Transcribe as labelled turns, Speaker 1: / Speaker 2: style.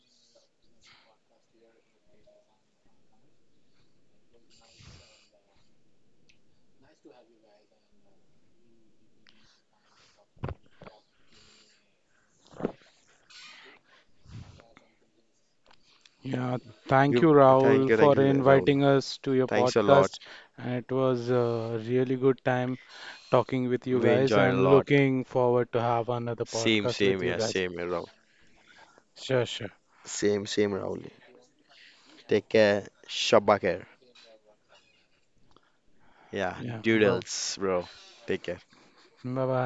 Speaker 1: Yeah, thank you,
Speaker 2: You thank
Speaker 1: Rahul,
Speaker 2: you, thank
Speaker 1: for
Speaker 2: you, Rahul.
Speaker 1: inviting us to your
Speaker 2: Thanks a lot.
Speaker 1: podcast. And it was a really good time talking with you
Speaker 2: We
Speaker 1: guys
Speaker 2: enjoyed a
Speaker 1: and
Speaker 2: lot.
Speaker 1: looking forward to have another
Speaker 2: Same,
Speaker 1: podcast with
Speaker 2: same,
Speaker 1: you
Speaker 2: yeah,
Speaker 1: guys.
Speaker 2: same, yeah, Rahul.
Speaker 1: Sure, sure.
Speaker 2: Same, same, Rahul. Take care. Shabba care. Yeah,
Speaker 1: Yeah, bye
Speaker 2: doodles, bro. Take care.
Speaker 1: bye.